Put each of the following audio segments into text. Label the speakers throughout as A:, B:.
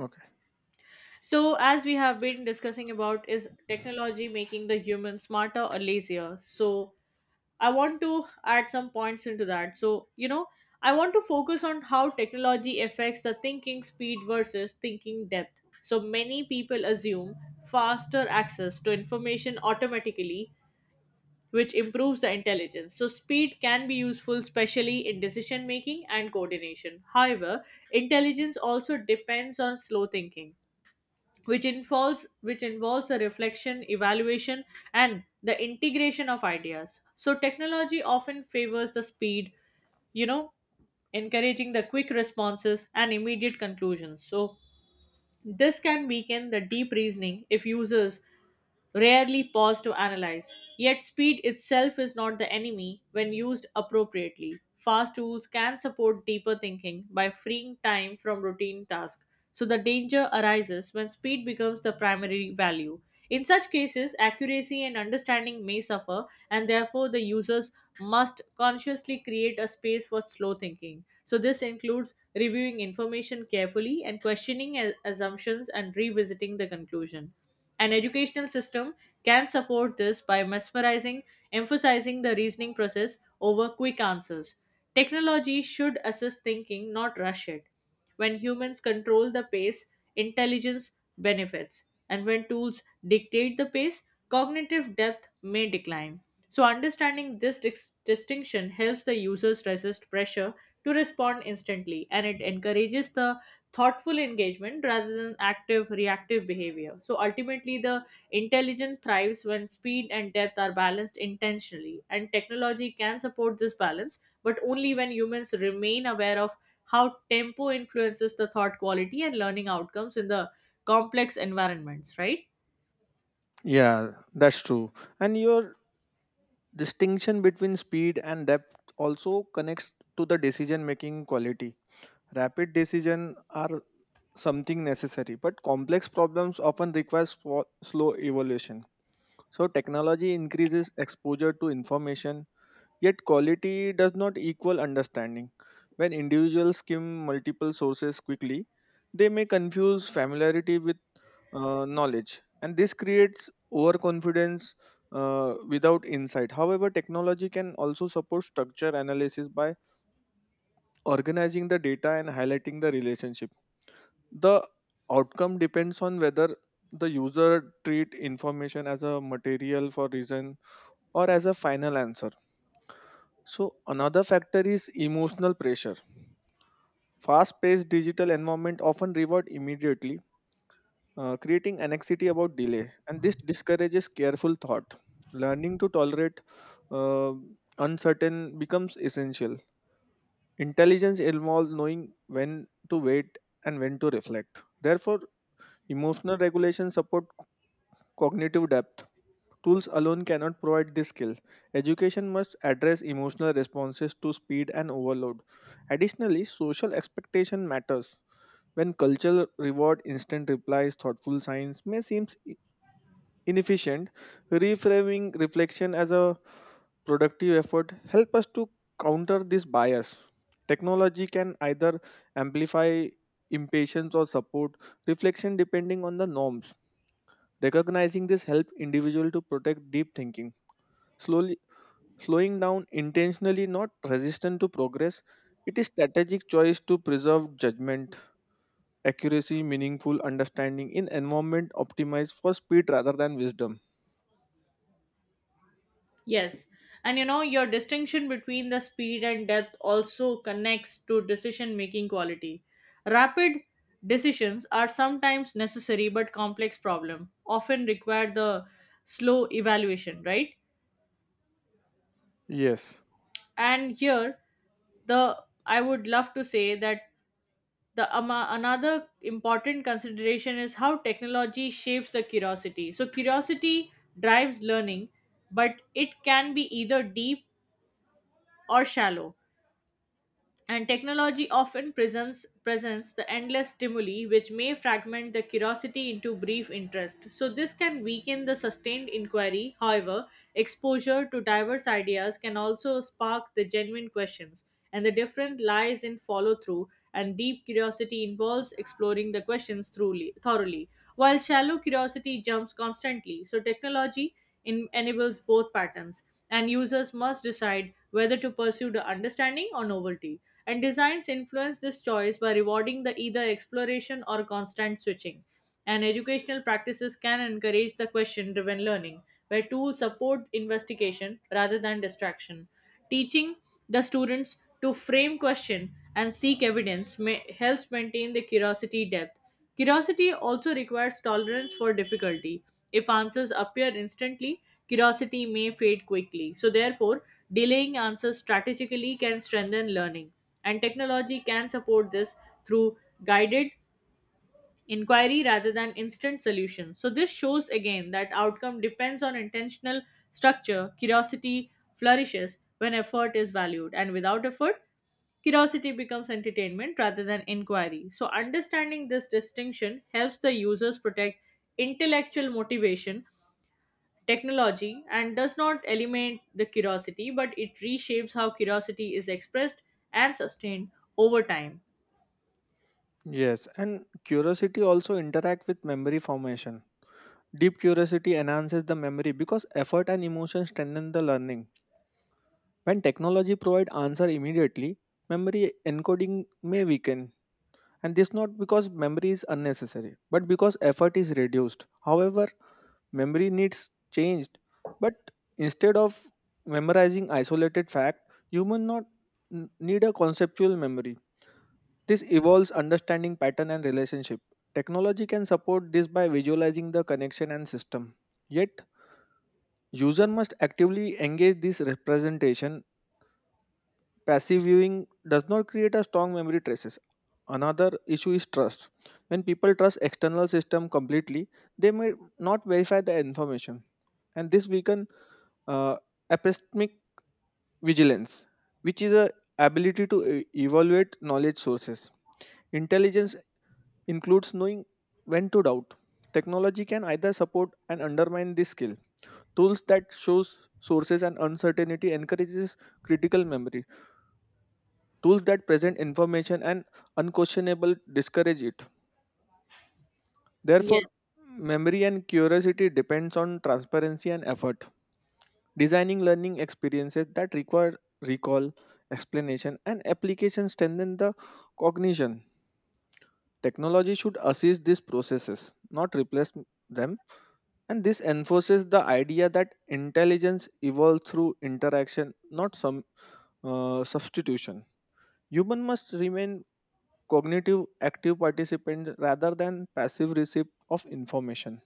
A: Okay.
B: So, as we have been discussing about, is technology making the human smarter or lazier? So, I want to add some points into that. I want to focus on how technology affects the thinking speed versus thinking depth. So, many people assume faster access to information automatically, which improves the intelligence. So, speed can be useful, especially in decision making and coordination. However, intelligence also depends on slow thinking which involves a reflection evaluation and the integration of ideas. So technology often favors the speed, you know encouraging the quick responses and immediate conclusions. So this can weaken the deep reasoning if users rarely pause to analyze. Yet, speed itself is not the enemy when used appropriately. Fast tools can support deeper thinking by freeing time from routine tasks. So, the danger arises when speed becomes the primary value. In such cases, accuracy and understanding may suffer, and therefore the user's must consciously create a space for slow thinking. So, this includes reviewing information carefully and questioning assumptions and revisiting the conclusion. An educational system can support this by emphasizing the reasoning process over quick answers. Technology should assist thinking, not rush it. When humans control the pace, intelligence benefits, and when tools dictate the pace, cognitive depth may decline. So, understanding this distinction helps the users resist pressure to respond instantly, and it encourages the thoughtful engagement rather than active reactive behavior. So, ultimately, the intelligence thrives when speed and depth are balanced intentionally, and technology can support this balance, but only when humans remain aware of how tempo influences the thought quality and learning outcomes in the complex environments, right?
A: Yeah, that's true. And your distinction between speed and depth also connects to the decision making quality. Rapid decision are something necessary, but complex problems often require slow evolution. So technology increases exposure to information, yet quality does not equal understanding. When individuals skim multiple sources quickly, they may confuse familiarity with knowledge, and this creates overconfidence without insight. However, technology can also support structure analysis by organizing the data and highlighting the relationship. The outcome depends on whether the user treat information as a material for reason or as a final answer. So, another factor is emotional pressure. Fast-paced digital environment often reward immediately, creating anxiety about delay, and this discourages careful thought. Learning to tolerate uh, uncertain becomes essential. Intelligence involves knowing when to wait and when to reflect. Therefore, emotional regulation support cognitive depth. Tools alone cannot provide this skill. Education must address emotional responses to speed and overload. Additionally, social expectation matters. When culture reward instant replies, thoughtful science may seem inefficient. Reframing reflection as a productive effort help us to counter this bias. Technology can either amplify impatience or support reflection depending on the norms. Recognizing this helps individual to protect deep thinking. Slowly Slowing down intentionally not resistant to progress. It is strategic choice to preserve judgment, accuracy, meaningful understanding in environment optimized for speed rather than wisdom.
B: Yes. Your distinction between the speed and depth also connects to decision making quality. Rapid decisions are sometimes necessary, but complex problem often require the slow evaluation, right?
A: Yes.
B: And here the I would love to say that the another important consideration is how technology shapes the curiosity. So curiosity drives learning, but it can be either deep or shallow. And technology often presents the endless stimuli which may fragment the curiosity into brief interest. So this can weaken the sustained inquiry. However, exposure to diverse ideas can also spark the genuine questions, and the difference lies in follow through. And deep curiosity involves exploring the questions thoroughly, while shallow curiosity jumps constantly. So technology enables both patterns, and users must decide whether to pursue the understanding or novelty. And designs influence this choice by rewarding the either exploration or constant switching. And educational practices can encourage the question driven learning, where tools support investigation rather than distraction. Teaching the students to frame question and seek evidence may, helps maintain the curiosity depth. Curiosity also requires tolerance for difficulty. If answers appear instantly, curiosity may fade quickly. So, therefore, delaying answers strategically can strengthen learning, and technology can support this through guided inquiry rather than instant solution. So, this shows again that outcome depends on intentional structure. Curiosity flourishes when effort is valued, and without effort, curiosity becomes entertainment rather than inquiry. So, understanding this distinction helps the users protect intellectual motivation. Technology, and does not eliminate the curiosity, but it reshapes how curiosity is expressed and sustained over time.
A: Yes, and curiosity also interact with memory formation. Deep curiosity enhances the memory because effort and emotion strengthen the learning. When technology provide answer immediately, memory encoding may weaken, and this not because memory is unnecessary but because effort is reduced. However, memory needs changed, but instead of memorizing isolated fact, human not n- need a conceptual memory. This evolves understanding pattern and relationship. Technology can support this by visualizing the connection and system, yet user must actively engage this representation. Passive viewing does not create a strong memory traces. Another issue is trust. When people trust external system completely, they may not verify the information, and this weaken uh, epistemic vigilance, which is a ability to evaluate knowledge sources. Intelligence includes knowing when to doubt. Technology can either support and undermine this skill. Tools that shows sources and uncertainty encourages critical memory. Tools that present information and unquestionable discourage it. Therefore,
B: Yes.
A: memory and curiosity depends on transparency and effort. Designing learning experiences that require recall, explanation, and application strengthen the cognition. Technology should assist these processes, not replace them. And this enforces the idea that intelligence evolves through interaction, not some substitution. Human must remain cognitive active participants rather than passive receipt of information.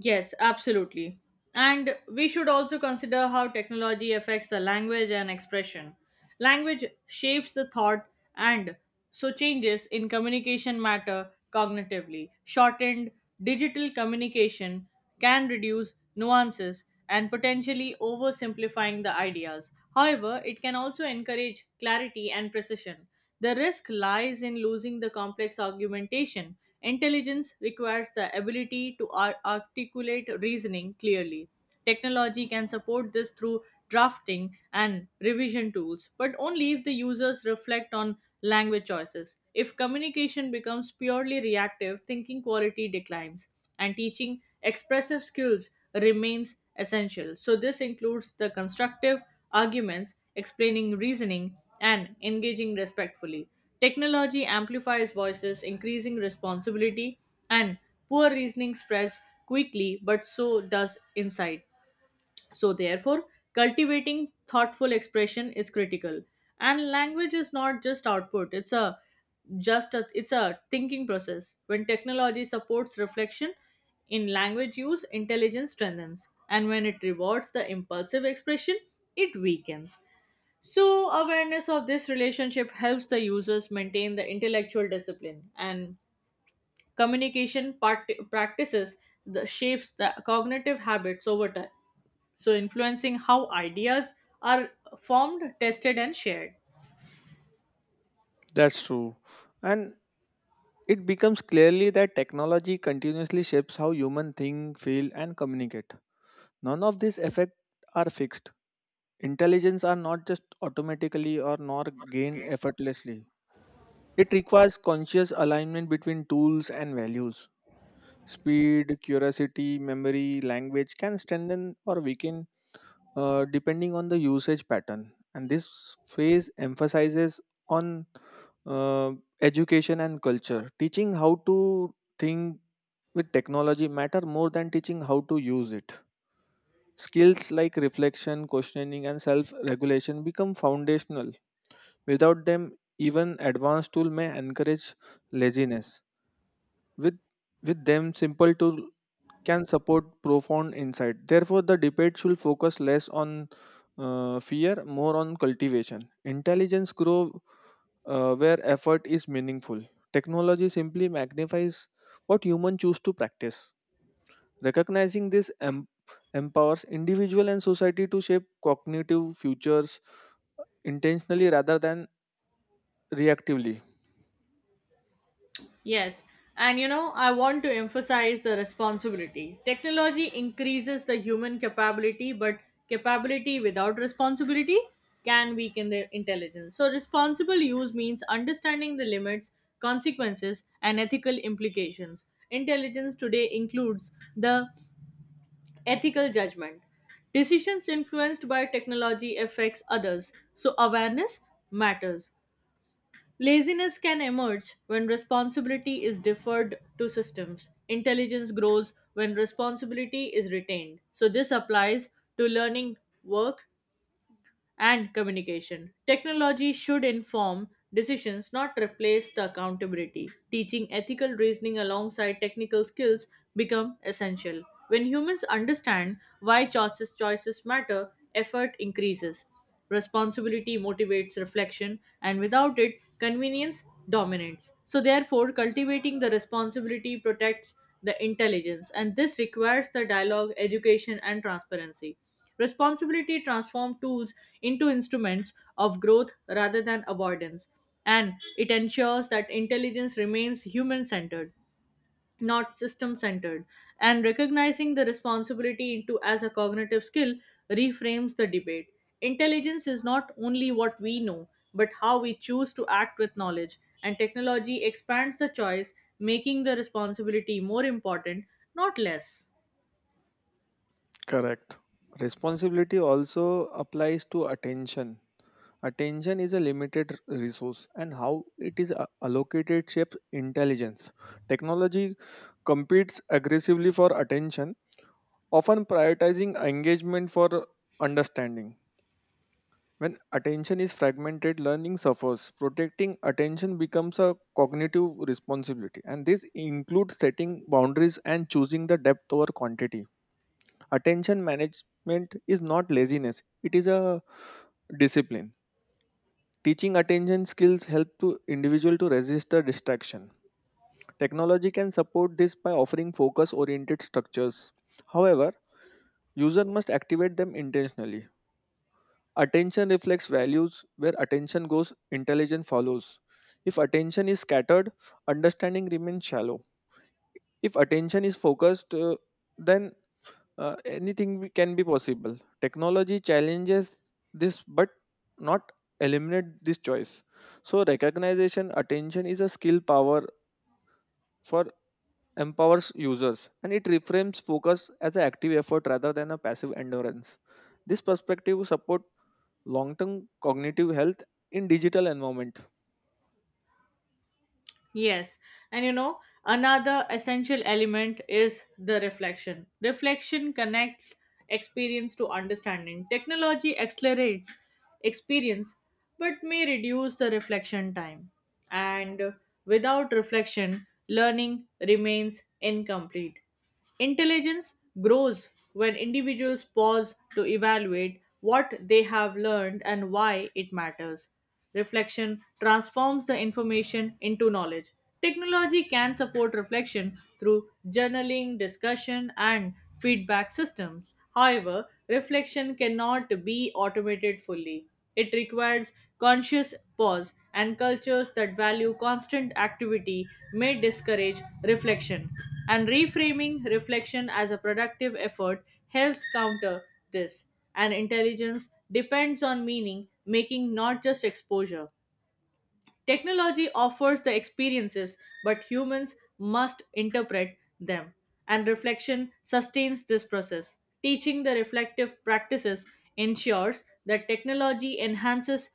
B: Yes, absolutely. And we should also consider how technology affects the language and expression. Language shapes the thought, and so changes in communication matter cognitively. Shortened digital communication can reduce nuances and potentially oversimplifying the ideas. However, it can also encourage clarity and precision. The risk lies in losing the complex argumentation. Intelligence requires the ability to articulate reasoning clearly. Technology can support this through drafting and revision tools, but only if the users reflect on language choices. If communication becomes purely reactive, thinking quality declines, and teaching expressive skills remains essential. So, this includes the constructive arguments, explaining reasoning, and engaging respectfully. Technology amplifies voices, increasing responsibility, and poor reasoning spreads quickly, but so does insight. So, therefore, cultivating thoughtful expression is critical. And language is not just output, it's a thinking process. When technology supports reflection in language use, intelligence strengthens. And when it rewards the impulsive expression, it weakens. So, awareness of this relationship helps the users maintain the intellectual discipline, and communication practices the shapes the cognitive habits over time, so influencing how ideas are formed, tested, and shared.
A: That's true. And it becomes clearly that technology continuously shapes how humans think, feel, and communicate. None of these effects are fixed. Intelligence are not just automatically or nor gained effortlessly. It requires conscious alignment between tools and values. Speed, curiosity, memory, language can strengthen or weaken depending on the usage pattern. And this phase emphasizes on uh, education and culture. Teaching how to think with technology matter more than teaching how to use it. Skills like reflection, questioning, and self regulation become foundational. Without them, even advanced tool may encourage laziness. with with them, simple tool can support profound insight. Therefore, the debate should focus less on fear, more on cultivation. Intelligence grow where effort is meaningful. Technology simply magnifies what humans choose to practice. Recognizing this empowers individual and society to shape cognitive futures intentionally rather than reactively.
B: Yes, I want to emphasize the responsibility. Technology increases the human capability, but capability without responsibility can weaken the intelligence. So, responsible use means understanding the limits, consequences, and ethical implications. Intelligence today includes the ethical judgment. Decisions influenced by technology affects others, so awareness matters. Laziness can emerge when responsibility is deferred to systems. Intelligence grows when responsibility is retained. So this applies to learning, work and communication. Technology should inform decisions, not replace the accountability. Teaching ethical reasoning alongside technical skills become essential. When humans understand why choices matter, effort increases. Responsibility motivates reflection, and without it, convenience dominates. So, therefore, cultivating the responsibility protects the intelligence, and this requires the dialogue, education, and transparency. Responsibility transforms tools into instruments of growth rather than avoidance, and it ensures that intelligence remains human centered, not system centered. And recognizing the responsibility into as a cognitive skill reframes the debate. Intelligence is not only what we know, but how we choose to act with knowledge, and technology expands the choice, making the responsibility more important, not less.
A: Correct. Responsibility also applies to attention. Attention is a limited resource, and how it is allocated shapes intelligence. Technology competes aggressively for attention, often prioritizing engagement for understanding. When attention is fragmented, learning suffers. Protecting attention becomes a cognitive responsibility, and this includes setting boundaries and choosing the depth over quantity. Attention management is not laziness, it is a discipline. Teaching attention skills help to individual to resist the distraction. Technology can support this by offering focus-oriented structures. However, user must activate them intentionally. Attention reflects values. Where attention goes, intelligence follows. If attention is scattered, understanding remains shallow. If attention is focused, then anything can be possible. Technology challenges this, but not eliminate this choice. So recognition attention is a skill power for empowers users, and it reframes focus as an active effort rather than a passive endurance. This perspective support long-term cognitive health in digital environment.
B: Yes, Another essential element is the reflection. Reflection connects experience to understanding. Technology accelerates experience but may reduce the reflection time. And without reflection, learning remains incomplete. Intelligence grows when individuals pause to evaluate what they have learned and why it matters. Reflection transforms the information into knowledge. Technology can support reflection through journaling, discussion, and feedback systems. However, reflection cannot be automated fully. It requires conscious pause, and cultures that value constant activity may discourage reflection. And reframing reflection as a productive effort helps counter this. And intelligence depends on meaning making, not just exposure. Technology offers the experiences, but humans must interpret them. And reflection sustains this process. Teaching the reflective practices ensures that technology enhances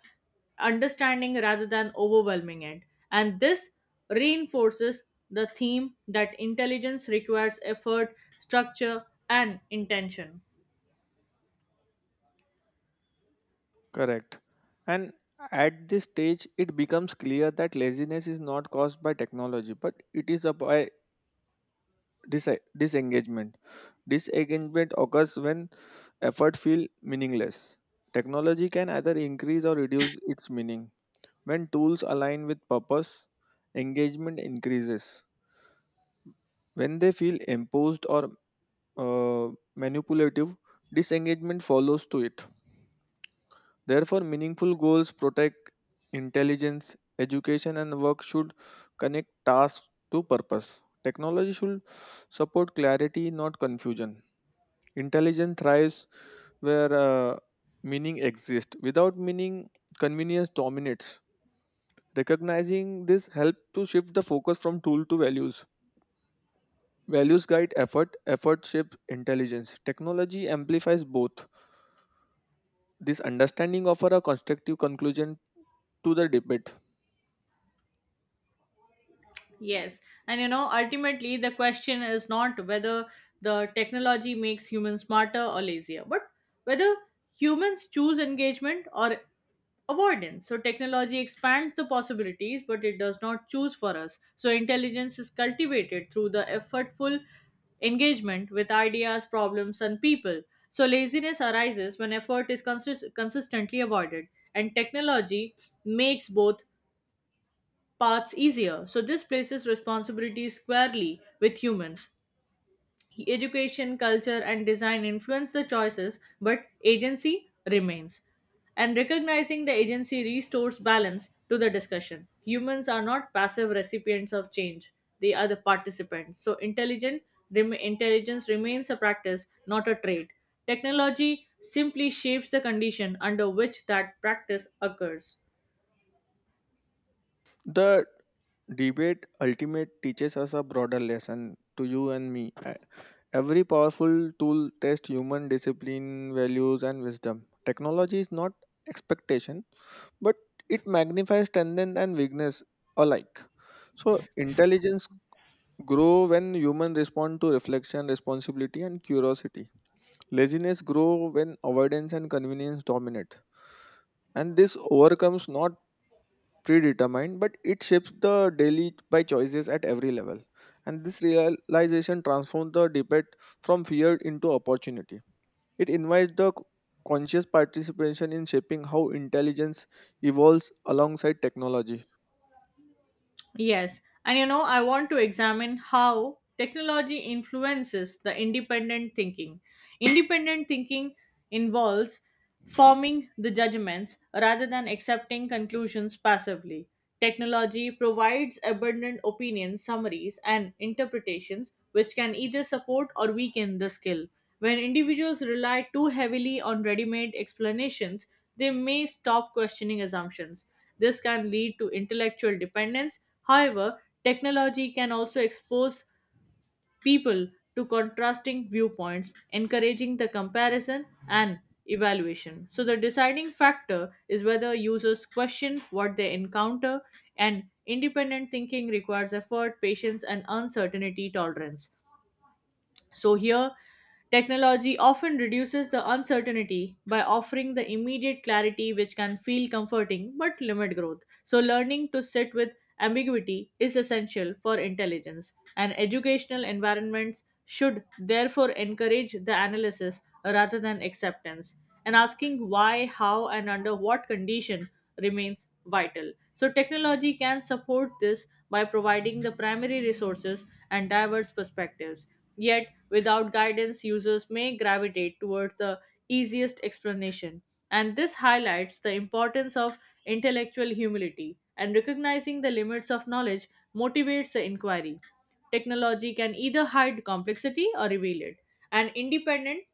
B: understanding rather than overwhelming it. And this reinforces the theme that intelligence requires effort, structure, and intention.
A: Correct. And at this stage, it becomes clear that laziness is not caused by technology, but it is by disengagement. Disengagement occurs when effort feels meaningless. Technology can either increase or reduce its meaning. When tools align with purpose, engagement increases. When they feel imposed or manipulative, disengagement follows to it. Therefore, meaningful goals protect intelligence, education, and work should connect tasks to purpose. Technology should support clarity, not confusion. Intelligence thrives where meaning exists. Without meaning, convenience dominates. Recognizing this helps to shift the focus from tool to values. Values guide effort, effort shapes intelligence. Technology amplifies both. This understanding offers a constructive conclusion to the debate.
B: Yes. Ultimately, the question is not whether the technology makes humans smarter or lazier, but whether humans choose engagement or avoidance. So, technology expands the possibilities, but it does not choose for us. So, intelligence is cultivated through the effortful engagement with ideas, problems, and people. So, laziness arises when effort is consistently avoided, and technology makes both paths easier. So, this places responsibility squarely with humans. Education, culture, and design influence the choices, but agency remains. And recognizing the agency restores balance to the discussion. Humans are not passive recipients of change, they are the participants. So, intelligence remains a practice, not a trait. Technology simply shapes the condition under which that practice occurs.
A: The debate ultimate teaches us a broader lesson to you and me. Every powerful tool tests human discipline, values, and wisdom. Technology is not expectation, but it magnifies strength and weakness alike. So intelligence grow when human respond to reflection, responsibility, and curiosity. Laziness grow when avoidance and convenience dominate. And this overcomes not predetermined, but it shapes the daily by choices at every level. And this realization transforms the debate from fear into opportunity. It invites the conscious participation in shaping how intelligence evolves alongside technology.
B: I want to examine how technology influences the independent thinking. Independent thinking involves forming the judgments rather than accepting conclusions passively. Technology provides abundant opinions, summaries, and interpretations which can either support or weaken the skill. When individuals rely too heavily on ready made explanations, they may stop questioning assumptions. This can lead to intellectual dependence. However, technology can also expose people to contrasting viewpoints, encouraging the comparison and evaluation. So, the deciding factor is whether users question what they encounter, and independent thinking requires effort, patience, and uncertainty tolerance. So, here, technology often reduces the uncertainty by offering the immediate clarity, which can feel comforting but limit growth. So, learning to sit with ambiguity is essential for intelligence, and educational environments should therefore encourage the analysis rather than acceptance. And asking why, how, and under what condition remains vital. So, technology can support this by providing the primary resources and diverse perspectives. Yet, without guidance, users may gravitate towards the easiest explanation. And this highlights the importance of intellectual humility, and recognizing the limits of knowledge motivates the inquiry. Technology can either hide complexity or reveal it. An independent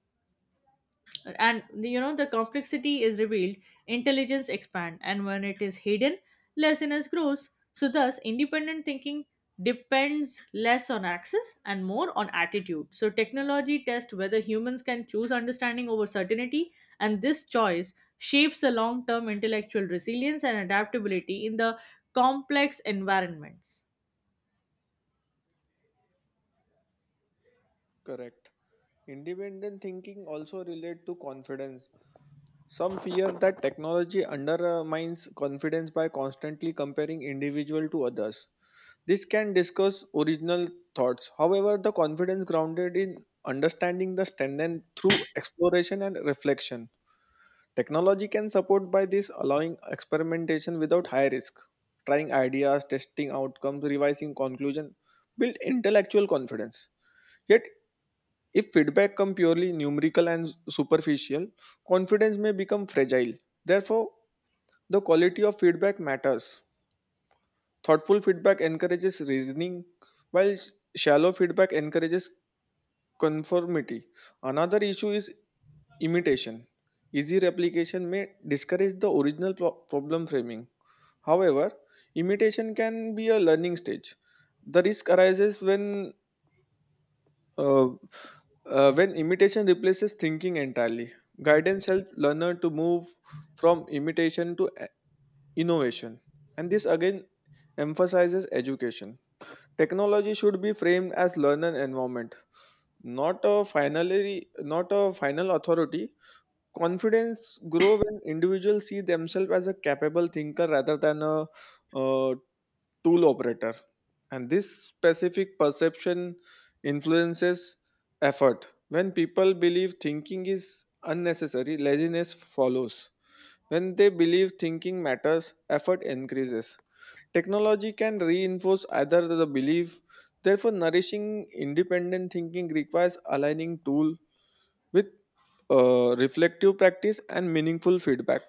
B: and you know the complexity is revealed, intelligence expand, and when it is hidden, laziness grows. So thus independent thinking depends less on access and more on attitude. So technology tests whether humans can choose understanding over certainty, and this choice shapes the long term intellectual resilience and adaptability in the complex environments.
A: Correct. Independent thinking also relates to confidence. Some fear that technology undermines confidence by constantly comparing individual to others. This can discuss original thoughts. However, the confidence grounded in understanding the strength through exploration and reflection. Technology can support by this allowing experimentation without high risk. Trying ideas, testing outcomes, revising conclusion, build intellectual confidence. Yet if feedback come purely numerical and superficial, confidence may become fragile. Therefore, the quality of feedback matters. Thoughtful feedback encourages reasoning, while shallow feedback encourages conformity. Another issue is imitation. Easy replication may discourage the original problem framing. However, imitation can be a learning stage. The risk arises uh, when imitation replaces thinking entirely. Guidance helps learner to move from imitation to innovation, and this again emphasizes education. Technology should be framed as learner environment, not a finally not a final authority. Confidence grow when individuals see themselves as a capable thinker rather than a uh, tool operator, and this specific perception influences effort. When people believe thinking is unnecessary, laziness follows. When they believe thinking matters, effort increases. Technology can reinforce either the belief. Therefore, nourishing independent thinking requires aligning tool with reflective practice and meaningful feedback.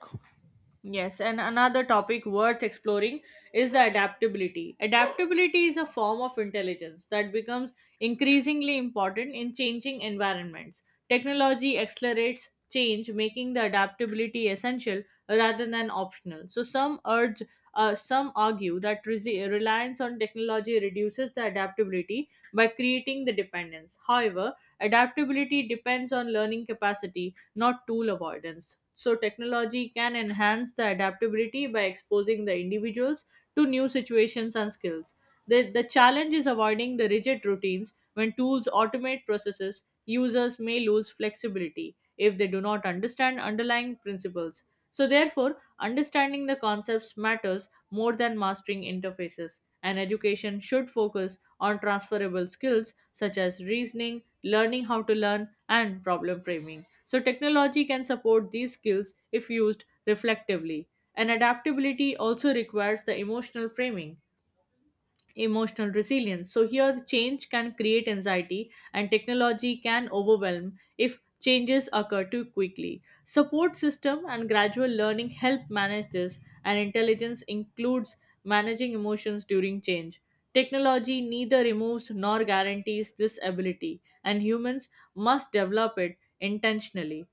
B: Yes, and another topic worth exploring is the adaptability. Adaptability is a form of intelligence that becomes increasingly important in changing environments. Technology accelerates change, making the adaptability essential rather than optional. So some argue that reliance on technology reduces the adaptability by creating the dependence. However, adaptability depends on learning capacity, not tool avoidance. So, technology can enhance the adaptability by exposing the individuals to new situations and skills. The challenge is avoiding the rigid routines. When tools automate processes, users may lose flexibility if they do not understand underlying principles. So, therefore, understanding the concepts matters more than mastering interfaces, and education should focus on transferable skills such as reasoning, learning how to learn, and problem framing. So, technology can support these skills if used reflectively. And adaptability also requires emotional resilience. So, here the change can create anxiety, and technology can overwhelm if changes occur too quickly. Support system and gradual learning help manage this, and intelligence includes managing emotions during change. Technology neither removes nor guarantees this ability, and humans must develop it intentionally.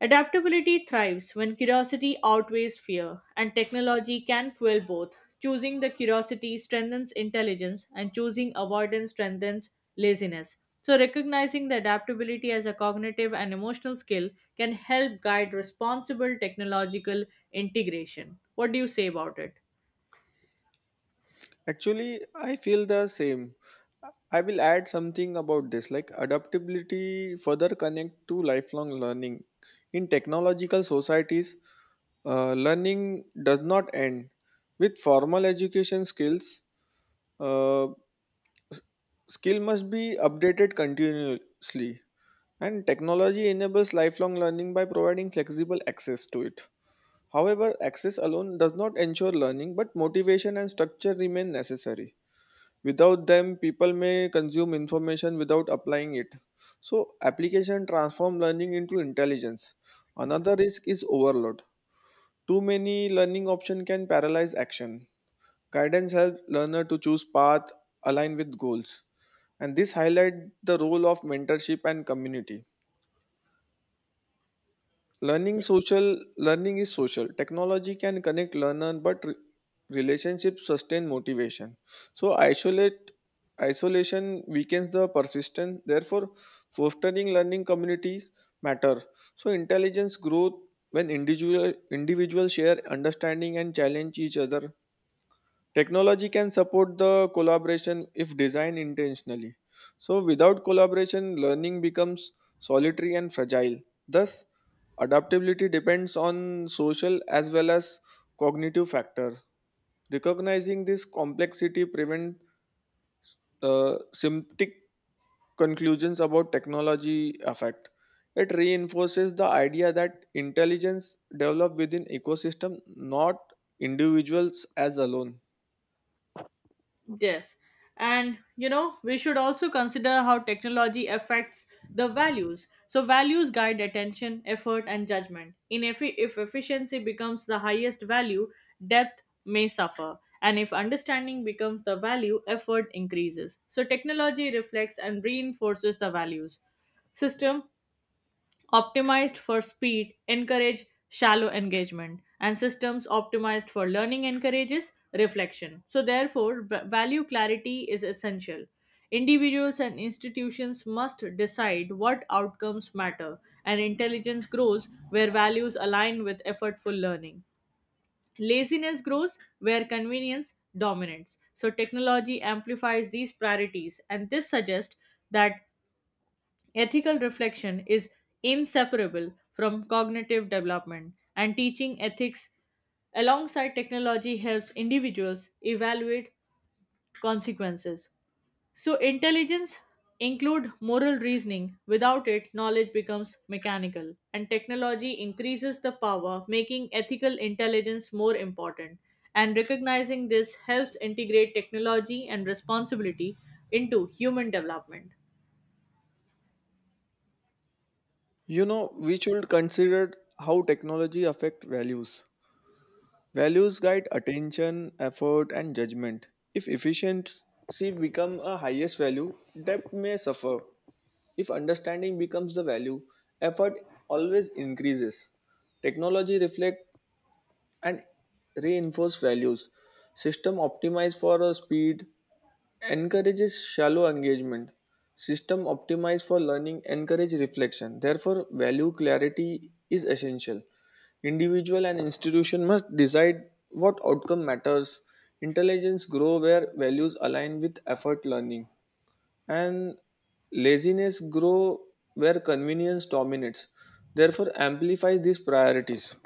B: Adaptability thrives when curiosity outweighs fear, and technology can fuel both. Choosing the curiosity strengthens intelligence, and choosing avoidance strengthens laziness. So, recognizing the adaptability as a cognitive and emotional skill can help guide responsible technological integration. What do you say about it?
A: Actually, I feel the same. I will add something about this like adaptability further connect to lifelong learning. In technological societies, learning does not end. With formal education skills, uh, s- skill must be updated continuously. And technology enables lifelong learning by providing flexible access to it. However, access alone does not ensure learning, but motivation and structure remain necessary. Without them, people may consume information without applying it. So, application transform learning into intelligence. Another risk is overload. Too many learning options can paralyze action. Guidance helps learner to choose path aligned with goals. And this highlight the role of mentorship and community. Learning social learning is social. Technology can connect learner, but relationships sustain motivation. So isolate isolation weakens the persistence. Therefore, fostering learning communities matter. So intelligence growth when individuals share understanding and challenge each other. Technology can support the collaboration if designed intentionally. So, without collaboration, learning becomes solitary and fragile. Thus, adaptability depends on social as well as cognitive factor. Recognizing this complexity prevents simplistic conclusions about technology effect. It reinforces the idea that intelligence develops within ecosystem, not individuals as alone.
B: Yes. We should also consider how technology affects the values. So, values guide attention, effort, and judgment. If efficiency becomes the highest value, depth may suffer. And if understanding becomes the value, effort increases. So, technology reflects and reinforces the values. System optimized for speed encourage shallow engagement, and systems optimized for learning encourages reflection. So therefore value clarity is essential. Individuals and institutions must decide what outcomes matter, and intelligence grows where values align with effortful learning. Laziness grows where convenience dominates, so technology amplifies these priorities. And this suggests that ethical reflection is inseparable from cognitive development, and teaching ethics alongside technology helps individuals evaluate consequences. So, intelligence include moral reasoning. Without it, knowledge becomes mechanical, and technology increases the power, making ethical intelligence more important. And recognizing this helps integrate technology and responsibility into human development.
A: You know, we should consider how technology affect values. Values guide attention, effort, and judgment. If efficiency become a highest value, depth may suffer. If understanding becomes the value, effort always increases. Technology reflect and reinforce values. System optimized for speed encourages shallow engagement. System optimized for learning encourage reflection. Therefore, value clarity is essential. Individual and institution must decide what outcome matters. Intelligence grow where values align with effort learning, and laziness grow where convenience dominates. Therefore, amplifies these priorities.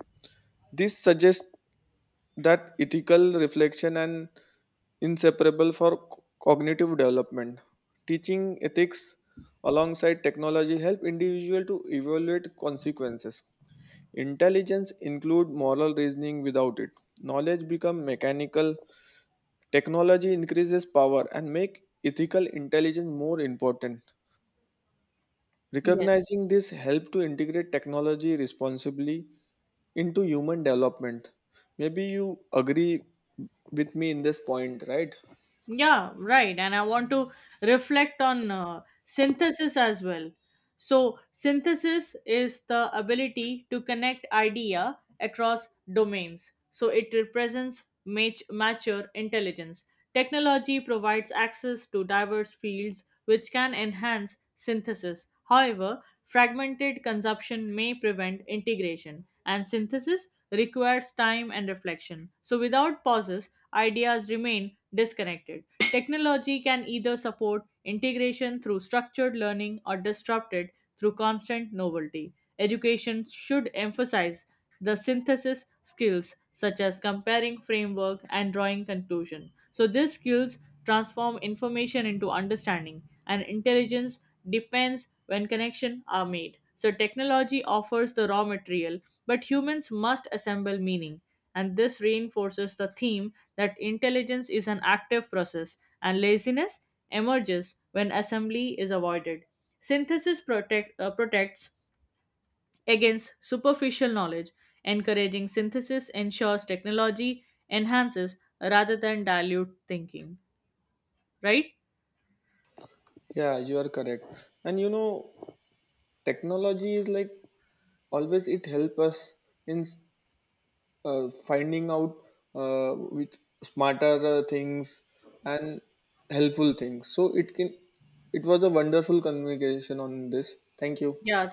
A: This suggests that ethical reflection and inseparable for cognitive development. Teaching ethics alongside technology help individual to evaluate consequences. Intelligence include moral reasoning. Without it, knowledge become mechanical. Technology increases power and make ethical intelligence more important.
B: Yes.
A: Recognizing this help to integrate technology responsibly into human development. Maybe you agree with me in this point, right?
B: Yeah, right. And I want to reflect on synthesis as well. So, synthesis is the ability to connect idea across domains. So, it represents mature intelligence. Technology provides access to diverse fields which can enhance synthesis. However, fragmented consumption may prevent integration, and synthesis requires time and reflection. So, without pauses, ideas remain disconnected. Technology can either support integration through structured learning or disrupt it through constant novelty. Education should emphasize the synthesis skills such as comparing framework and drawing conclusion. So these skills transform information into understanding, and intelligence depends when connection are made. So technology offers the raw material, but humans must assemble meaning. And this reinforces the theme that intelligence is an active process, and laziness emerges when assembly is avoided. Synthesis protects against superficial knowledge. Encouraging synthesis ensures technology enhances rather than dilute thinking. Right?
A: Yeah, you are correct. And you know, technology is like always it help us in finding out with smarter things and helpful things. So it can it was a wonderful communication on this. Thank you.
B: Yeah, thank